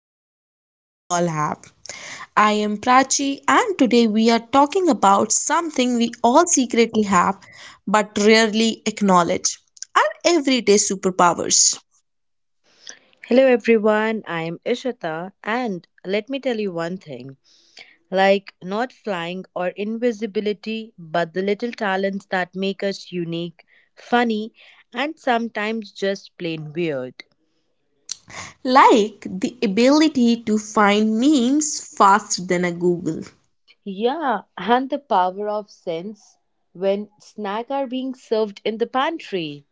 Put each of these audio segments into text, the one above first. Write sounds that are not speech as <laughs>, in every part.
hidden talent we all have. I am Prachi, and today we are talking about something we all secretly have but rarely acknowledge our everyday superpowers, Hello everyone, I am Ishita, and let me tell you one thing. Like, not flying or invisibility, but the little talents that make us unique, funny, and sometimes just plain weird. like the ability to find memes faster than a Google. Yeah, and the power of sense when snacks are being served in the pantry.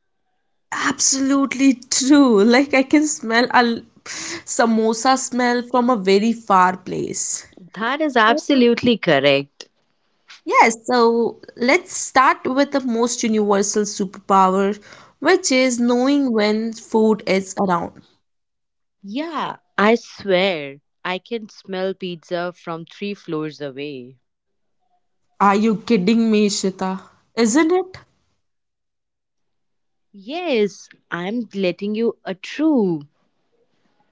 Absolutely true. <laughs> Like, I can smell a samosa smell from a very far place. That is So absolutely correct. Yes, so let's start with the most universal superpower, which is knowing when food is around. Yeah, I swear I can smell pizza from 3 floors away. Are you kidding me, Shita? Isn't it? Yes, I'm letting you a true.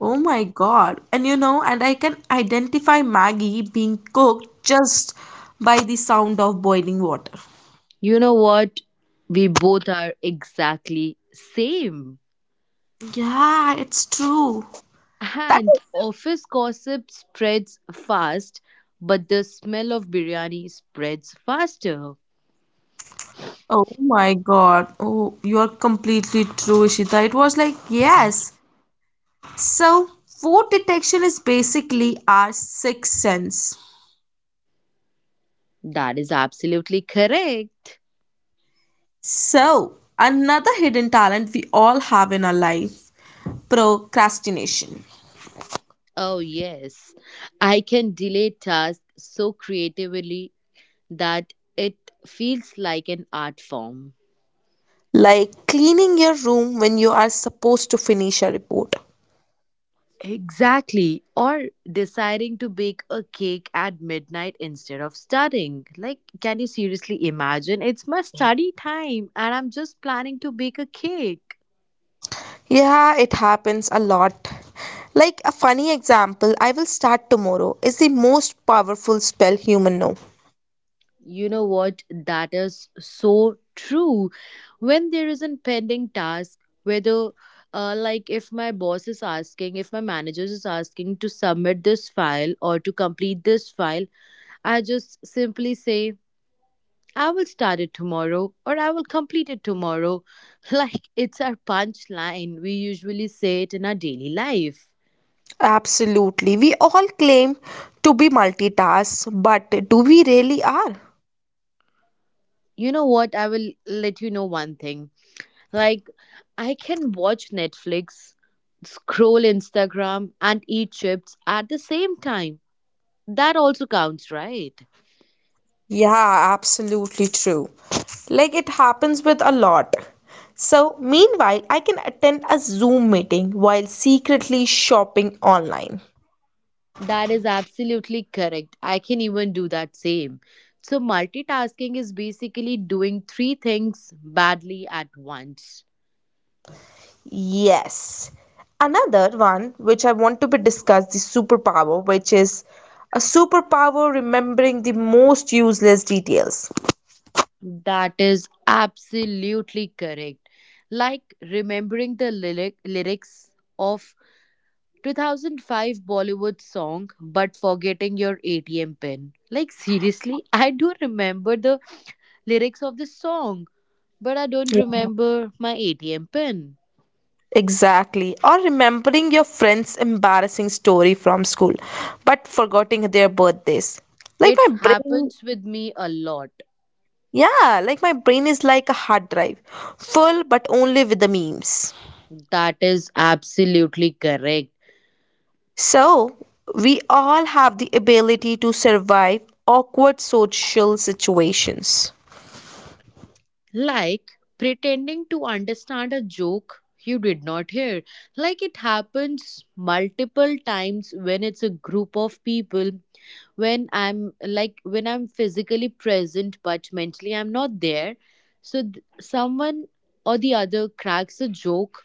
Oh my God. And I can identify Maggie being cooked just by the sound of boiling water. You know what? We both are exactly same. Yeah, it's true. That And is, office gossip spreads fast, but the smell of biryani spreads faster. oh my God. Oh, you are completely true, Ishita. It was like, yes. So, food detection is basically our sixth sense. That is absolutely correct. So, another hidden talent we all have in our life procrastination. Oh, yes. I can delay tasks so creatively that it feels like an art form. Like cleaning your room when you are supposed to finish a report. Exactly. Or deciding to bake a cake at midnight instead of studying. Like, can you seriously imagine? It's my study time and I'm just planning to bake a cake. Yeah, it happens a lot. Like a funny example, I will start tomorrow is the most powerful spell human know. You know what? That is so true. When there is an pending task, whether like if my boss is asking, if my manager is asking to submit this file or to complete this file, I just simply say, I will start it tomorrow or I will complete it tomorrow. <laughs> Like it's our punchline. We usually say it in our daily life. Absolutely. We all claim to be multitask, but do we really are? You know what? I will let you know one thing. Like, I can watch Netflix, scroll Instagram, and eat chips at the same time. That also counts, right? Yeah, absolutely true. Like it happens with a lot. So, meanwhile, I can attend a Zoom meeting while secretly shopping online. That is absolutely correct. I can even do that same. So, multitasking is basically doing 3 things badly at once. Yes. Another one which I want to be discussed the superpower, which is a superpower remembering the most useless details. That is absolutely correct. Like remembering the lyrics of 2005 Bollywood song, but forgetting your ATM pin. Like, seriously, <laughs> I do remember the lyrics of the song, but I don't Yeah. remember my ATM pin. Exactly. Or remembering your friend's embarrassing story from school, but forgetting their birthdays. Like It my brain happens with me a lot. Yeah, like my brain is like a hard drive, full but only with the memes. That is absolutely correct. So, we all have the ability to survive awkward social situations. Like pretending to understand a joke you did not hear. Like it happens multiple times when it's a group of people, when I'm physically present but mentally I'm not there. So someone or the other cracks a joke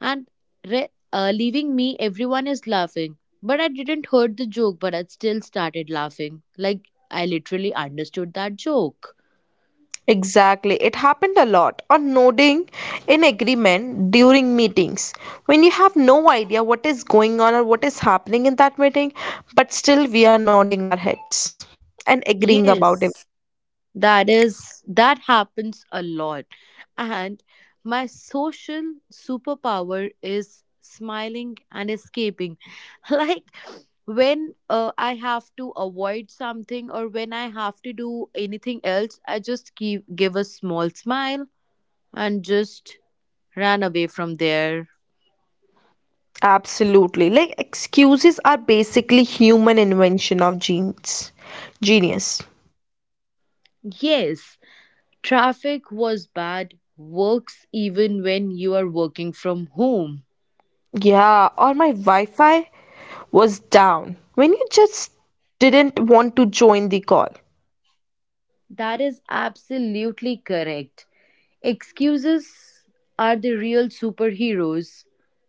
and leaving me, everyone is laughing. But I didn't heard the joke, but I still started laughing. Like I literally understood that joke. Exactly. It happened a lot on nodding in agreement during meetings when you have no idea what is going on or what is happening in that meeting, but still we are nodding our heads and agreeing about it. Yes. That happens a lot, and my social superpower is smiling and escaping. <laughs> Like when I have to avoid something or when I have to do anything else, I just give a small smile and just ran away from there. Absolutely. Like excuses are basically human invention of genes. Genius. Yes, traffic was bad works even when you are working from home. Yeah, or my Wi-Fi was down when you just didn't want to join the call. That is absolutely correct. Excuses are the real superheroes.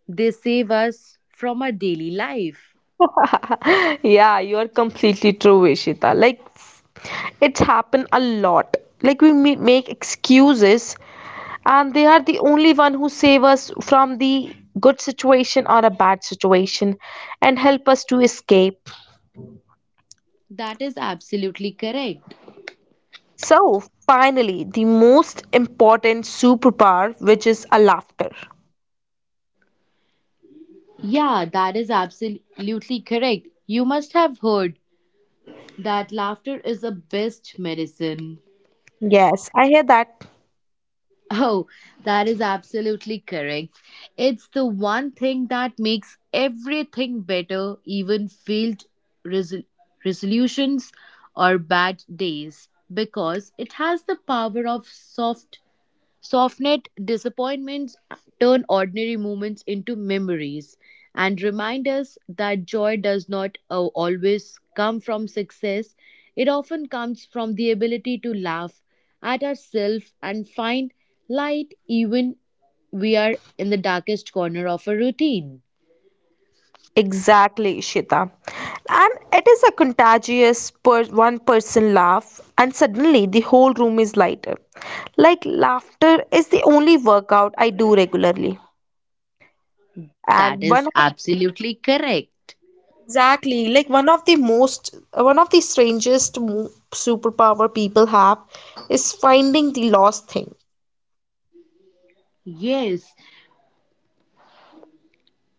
They save us from our daily life. <laughs> Yeah, you are completely true, Ishita. Like it's happened a lot. Like we make excuses and they are the only one who save us from the good situation or a bad situation and help us to escape. That is absolutely correct. So, finally, the most important superpower, which is a laughter. Yeah, that is absolutely correct. You must have heard that laughter is the best medicine. Yes, I hear that. Oh, that is absolutely correct. It's the one thing that makes everything better, even failed resol- resolutions or bad days, because it has the power of soften disappointments, turn ordinary moments into memories, and remind us that joy does not always come from success. It often comes from the ability to laugh at ourselves and find light even we are in the darkest corner of a routine. Exactly, Ishita. And it is a contagious per one person laugh, and suddenly the whole room is lighter. Like laughter is the only workout I do regularly. That And one is of absolutely correct. exactly one of the strangest superpower people have is finding the lost thing. Yes,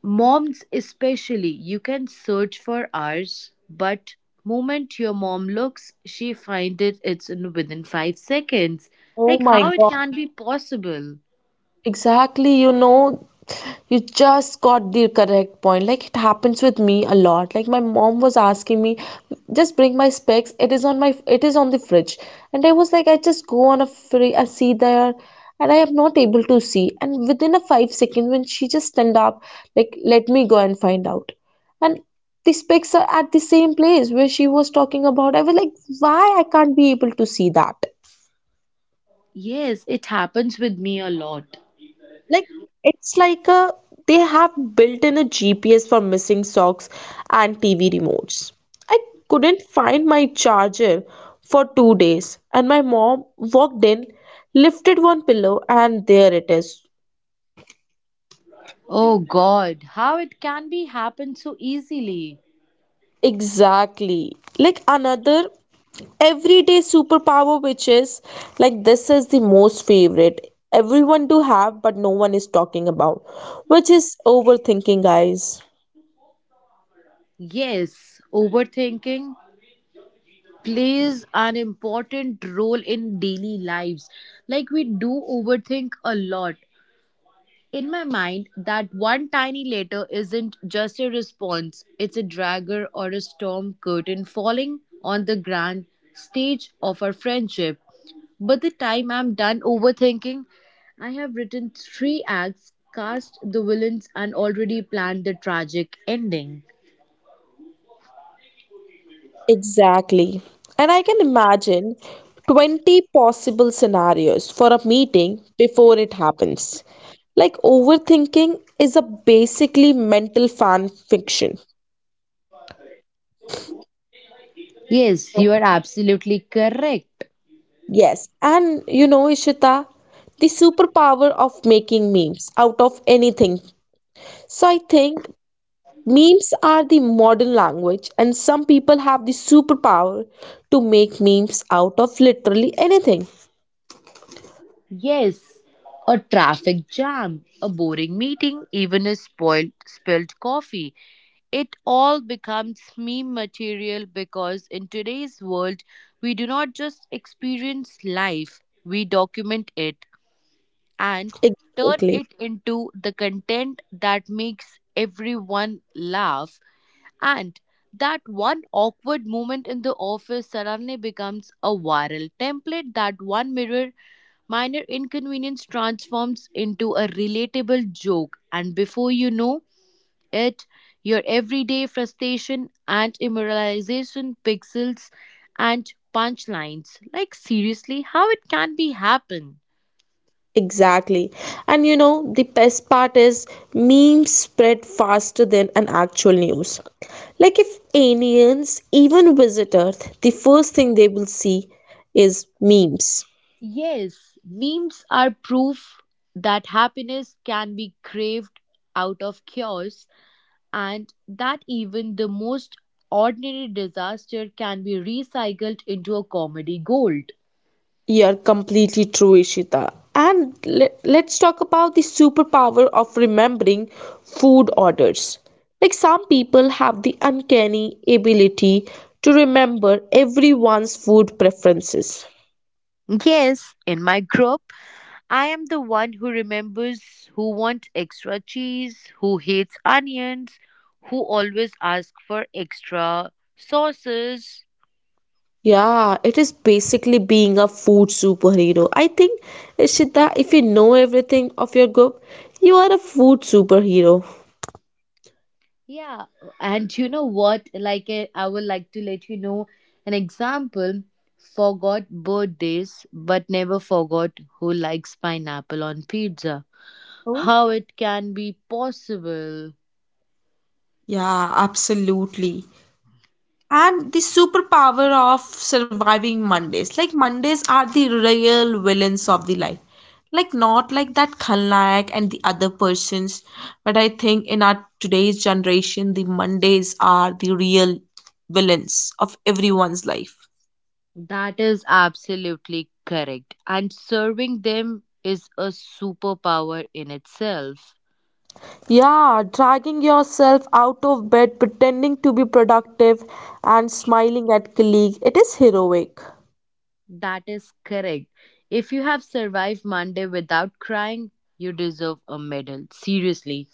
moms especially, you can search for hours, but moment your mom looks, she find it. It's in within 5 seconds. Oh Like my how it God. can be possible? Exactly, you just got the correct point. Like it happens with me a lot. Like my mom was asking me, just bring my specs. It is on the fridge. And I was like, I just go on a free I see there and I am not able to see. And within a 5 seconds, when she just stand up, like let me go and find out. And the specs are at the same place where she was talking about. I was like, why I can't be able to see that? Yes, it happens with me a lot. Like it's like a they have built in a GPS for missing socks and TV remotes. I couldn't find my charger for 2 days, and my mom walked in, lifted one pillow, and there it is. Oh God, how it can be happen so easily? Exactly. Like another everyday superpower, which is like this is the most favorite everyone to have, but no one is talking about, which is overthinking, guys. Yes, overthinking plays an important role in daily lives. Like we do overthink a lot. In my mind, that one tiny letter isn't just a response, it's a dragger or a storm curtain falling on the grand stage of our friendship. By the time I'm done overthinking, I have written 3 acts, cast the villains, and already planned the tragic ending. Exactly. And I can imagine 20 possible scenarios for a meeting before it happens. Like overthinking is a basically mental fan fiction. Yes, you are absolutely correct. Yes, and you know, Ishita, the superpower of making memes out of anything. So I think memes are the modern language, and some people have the superpower to make memes out of literally anything. Yes, a traffic jam, a boring meeting, even a spoiled spilled coffee. It all becomes meme material because in today's world, we do not just experience life, we document it and turn Exactly. it into the content that makes everyone laugh. And that one awkward moment in the office suddenly becomes a viral template that one mirror minor inconvenience transforms into a relatable joke, and before you know it, your everyday frustration and immoralization pixels and punchlines. Like, seriously, how it can be happen? Exactly. And the best part is memes spread faster than an actual news. Like if aliens even visit Earth, the first thing they will see is memes. Yes, memes are proof that happiness can be craved out of chaos and that even the most ordinary disaster can be recycled into a comedy gold. You're completely true, Ishita. And let's talk about the superpower of remembering food orders. Like some people have the uncanny ability to remember everyone's food preferences. Yes, in my group, I am the one who remembers who wants extra cheese, who hates onions, who always asks for extra sauces. Yeah, it is basically being a food superhero. I think, Ishita, if you know everything of your group, you are a food superhero. Yeah, and you know what? Like, I would like to let you know an example, forgot birthdays, but never forgot who likes pineapple on pizza. Oh, How it can be possible? yeah, absolutely. And the superpower of surviving Mondays. Like Mondays are the real villains of the life. Like not like that Khalnayak and the other persons, but I think in our today's generation, the Mondays are the real villains of everyone's life. That is absolutely correct. And serving them is a superpower in itself. Yeah, dragging yourself out of bed, pretending to be productive, and smiling at colleague. It is heroic. That is correct. If you have survived Monday without crying, you deserve a medal. Seriously.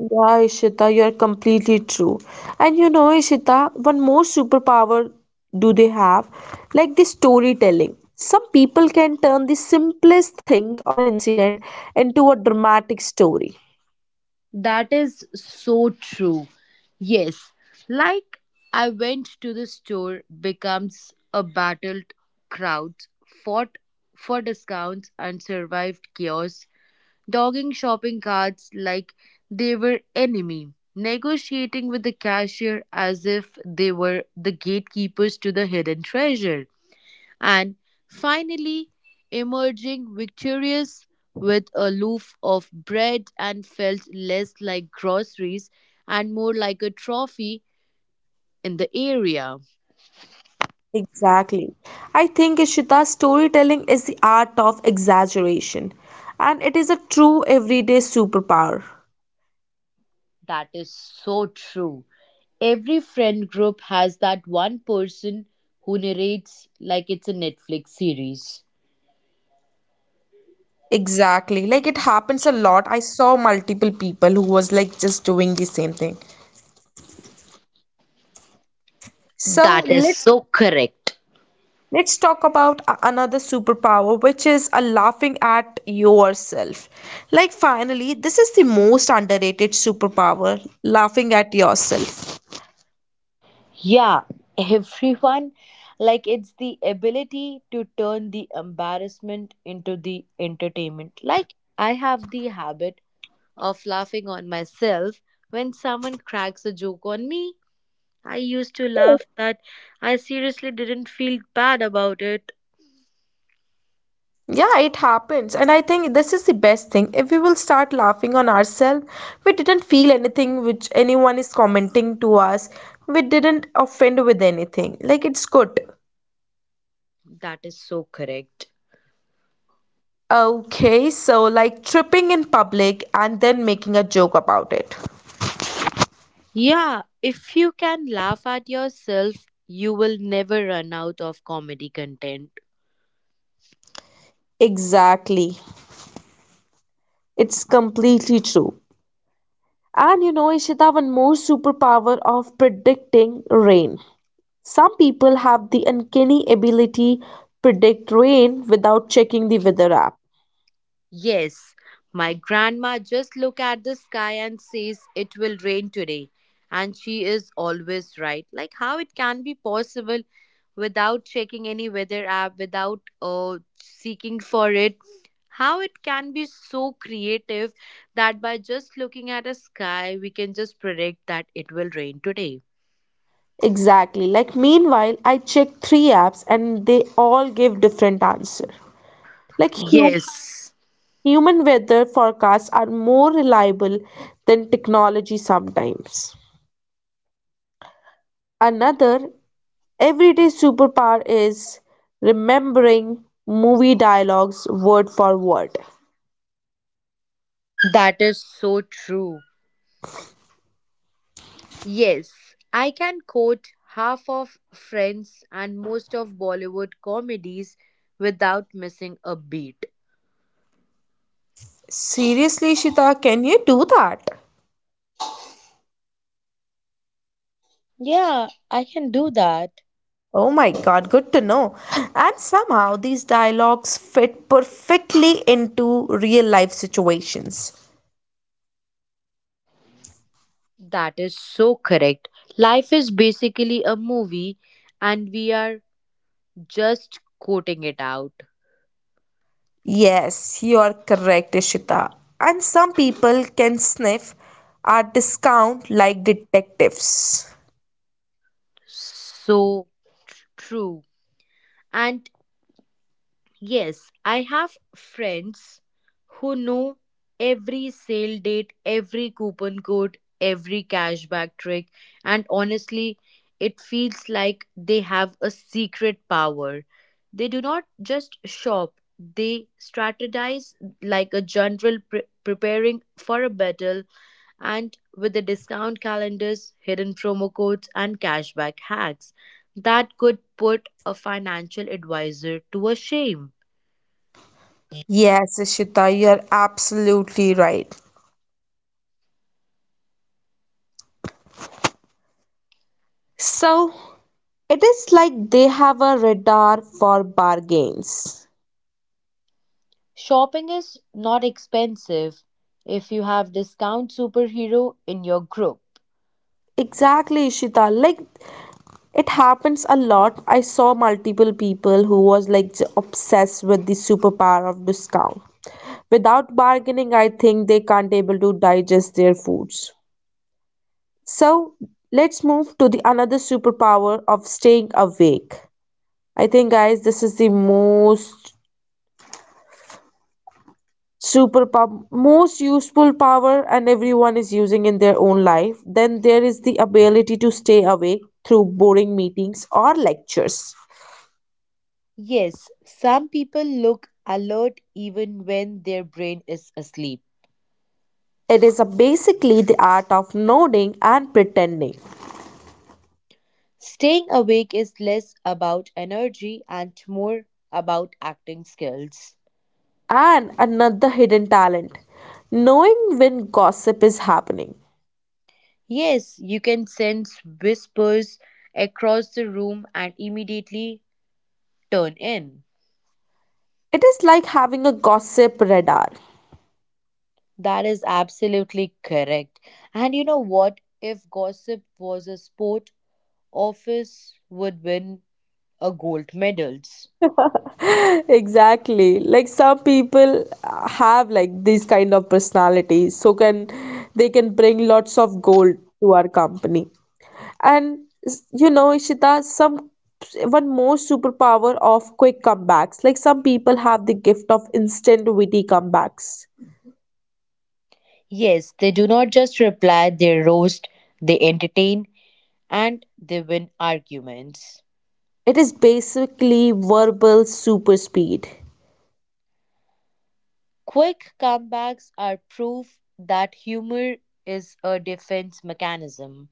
Yeah, Ishita, you are completely true. And you know, Ishita, one more superpower do they have? Like the storytelling. Some people can turn the simplest thing or incident into a dramatic story. That is so true. Yes. Like I went to the store becomes a battled crowd, fought for discounts and survived chaos dogging shopping carts like they were enemy, negotiating with the cashier as if they were the gatekeepers to the hidden treasure, and finally emerging victorious with a loaf of bread and felt less like groceries and more like a trophy in the area. Exactly. I think Ishita, storytelling is the art of exaggeration, and it is a true everyday superpower. That is so true. Every friend group has that one person who narrates like it's a Netflix series. Exactly. Like it happens a lot. I saw multiple people who was like just doing the same thing. So That is let's so correct. let's talk about another superpower, which is a laughing at yourself. Like finally, this is the most underrated superpower, laughing at yourself. Yeah, everyone. Like it's the ability to turn the embarrassment into the entertainment. Like I have the habit of laughing on myself when someone cracks a joke on me. I used to laugh that I seriously didn't feel bad about it. Yeah, it happens. And I think this is the best thing. If we will start laughing on ourselves, we didn't feel anything which anyone is commenting to us. We didn't offend with anything. Like it's good. That is so correct. Okay, so like tripping in public and then making a joke about it. Yeah, if you can laugh at yourself, you will never run out of comedy content. Exactly. It's completely true. And you know, Ishita, one more superpower of predicting rain. Some people have the uncanny ability predict rain without checking the weather app. Yes, my grandma just look at the sky and says it will rain today. And she is always right. Like how it can be possible without checking any weather app, without seeking for it. How it can be so creative that by just looking at a sky, we can just predict that it will rain today. Exactly. Like meanwhile, I check three apps and they all give different answer. Like Yes, human weather forecasts are more reliable than technology sometimes. Another everyday superpower is remembering movie dialogues word for word. that is so true. Yes, I can quote half of Friends and most of Bollywood comedies without missing a beat. Seriously, Shita, can you do that? Yeah, I can do that. Oh my God, good to know. And somehow these dialogues fit perfectly into real life situations. That is so correct. Life is basically a movie and we are just quoting it out. Yes, you are correct, Ishita. And some people can sniff our discount like detectives. So true. And yes, I have friends who know every sale date, every coupon code, every cashback trick, and honestly, it feels like they have a secret power. They do not just shop, they strategize like a general preparing for a battle and with the discount calendars, hidden promo codes, and cashback hacks that could put a financial advisor to a shame. Yes, Ishita, you are absolutely right. So, it is like they have a radar for bargains. Shopping is not expensive if you have discount superhero in your group. Exactly, Ishita. Like it happens a lot. I saw multiple people who was like obsessed with the superpower of discount. Without bargaining, I think they can't able to digest their foods. So let's move to the another superpower of staying awake. I think guys this is the most useful power and everyone is using in their own life. Then there is the ability to stay awake through boring meetings or lectures. Yes, some people look alert even when their brain is asleep. It is a basically the art of nodding and pretending. Staying awake is less about energy and more about acting skills. And another hidden talent, knowing when gossip is happening. Yes, you can sense whispers across the room and immediately turn in. It is like having a gossip radar. That is absolutely correct. And you know what? If gossip was a sport, office would win a gold medals. <laughs> Exactly, like some people have like these kind of personalities so can they can bring lots of gold to our company and you know, Ishita, some one more superpower of quick comebacks, like some people have the gift of instant witty comebacks. Yes, they do not just reply, they roast, they entertain, and they win arguments. It is basically verbal super speed. Quick comebacks are proof that humor is a defense mechanism.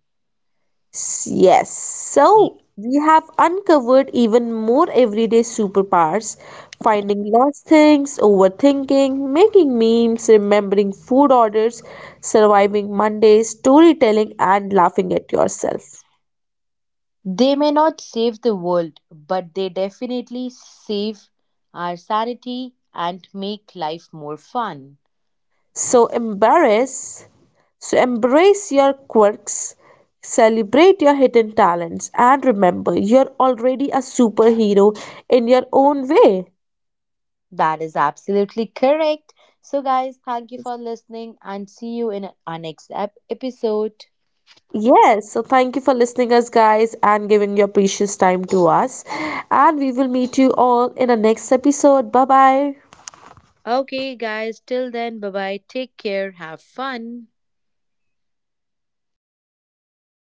Yes. So we have uncovered even more everyday superpowers, finding lost things, overthinking, making memes, remembering food orders, surviving Mondays, storytelling, and laughing at yourself. They may not save the world, but they definitely save our sanity and make life more fun. So embarrass, so embrace your quirks, celebrate your hidden talents, and remember you're already a superhero in your own way. That is absolutely correct. So, guys, thank you for listening and see you in our next episode. Yes, so thank you for listening us guys and giving your precious time to us. And we will meet you all in the next episode. Bye bye. Okay, guys, till then, bye bye. Take care. Have fun.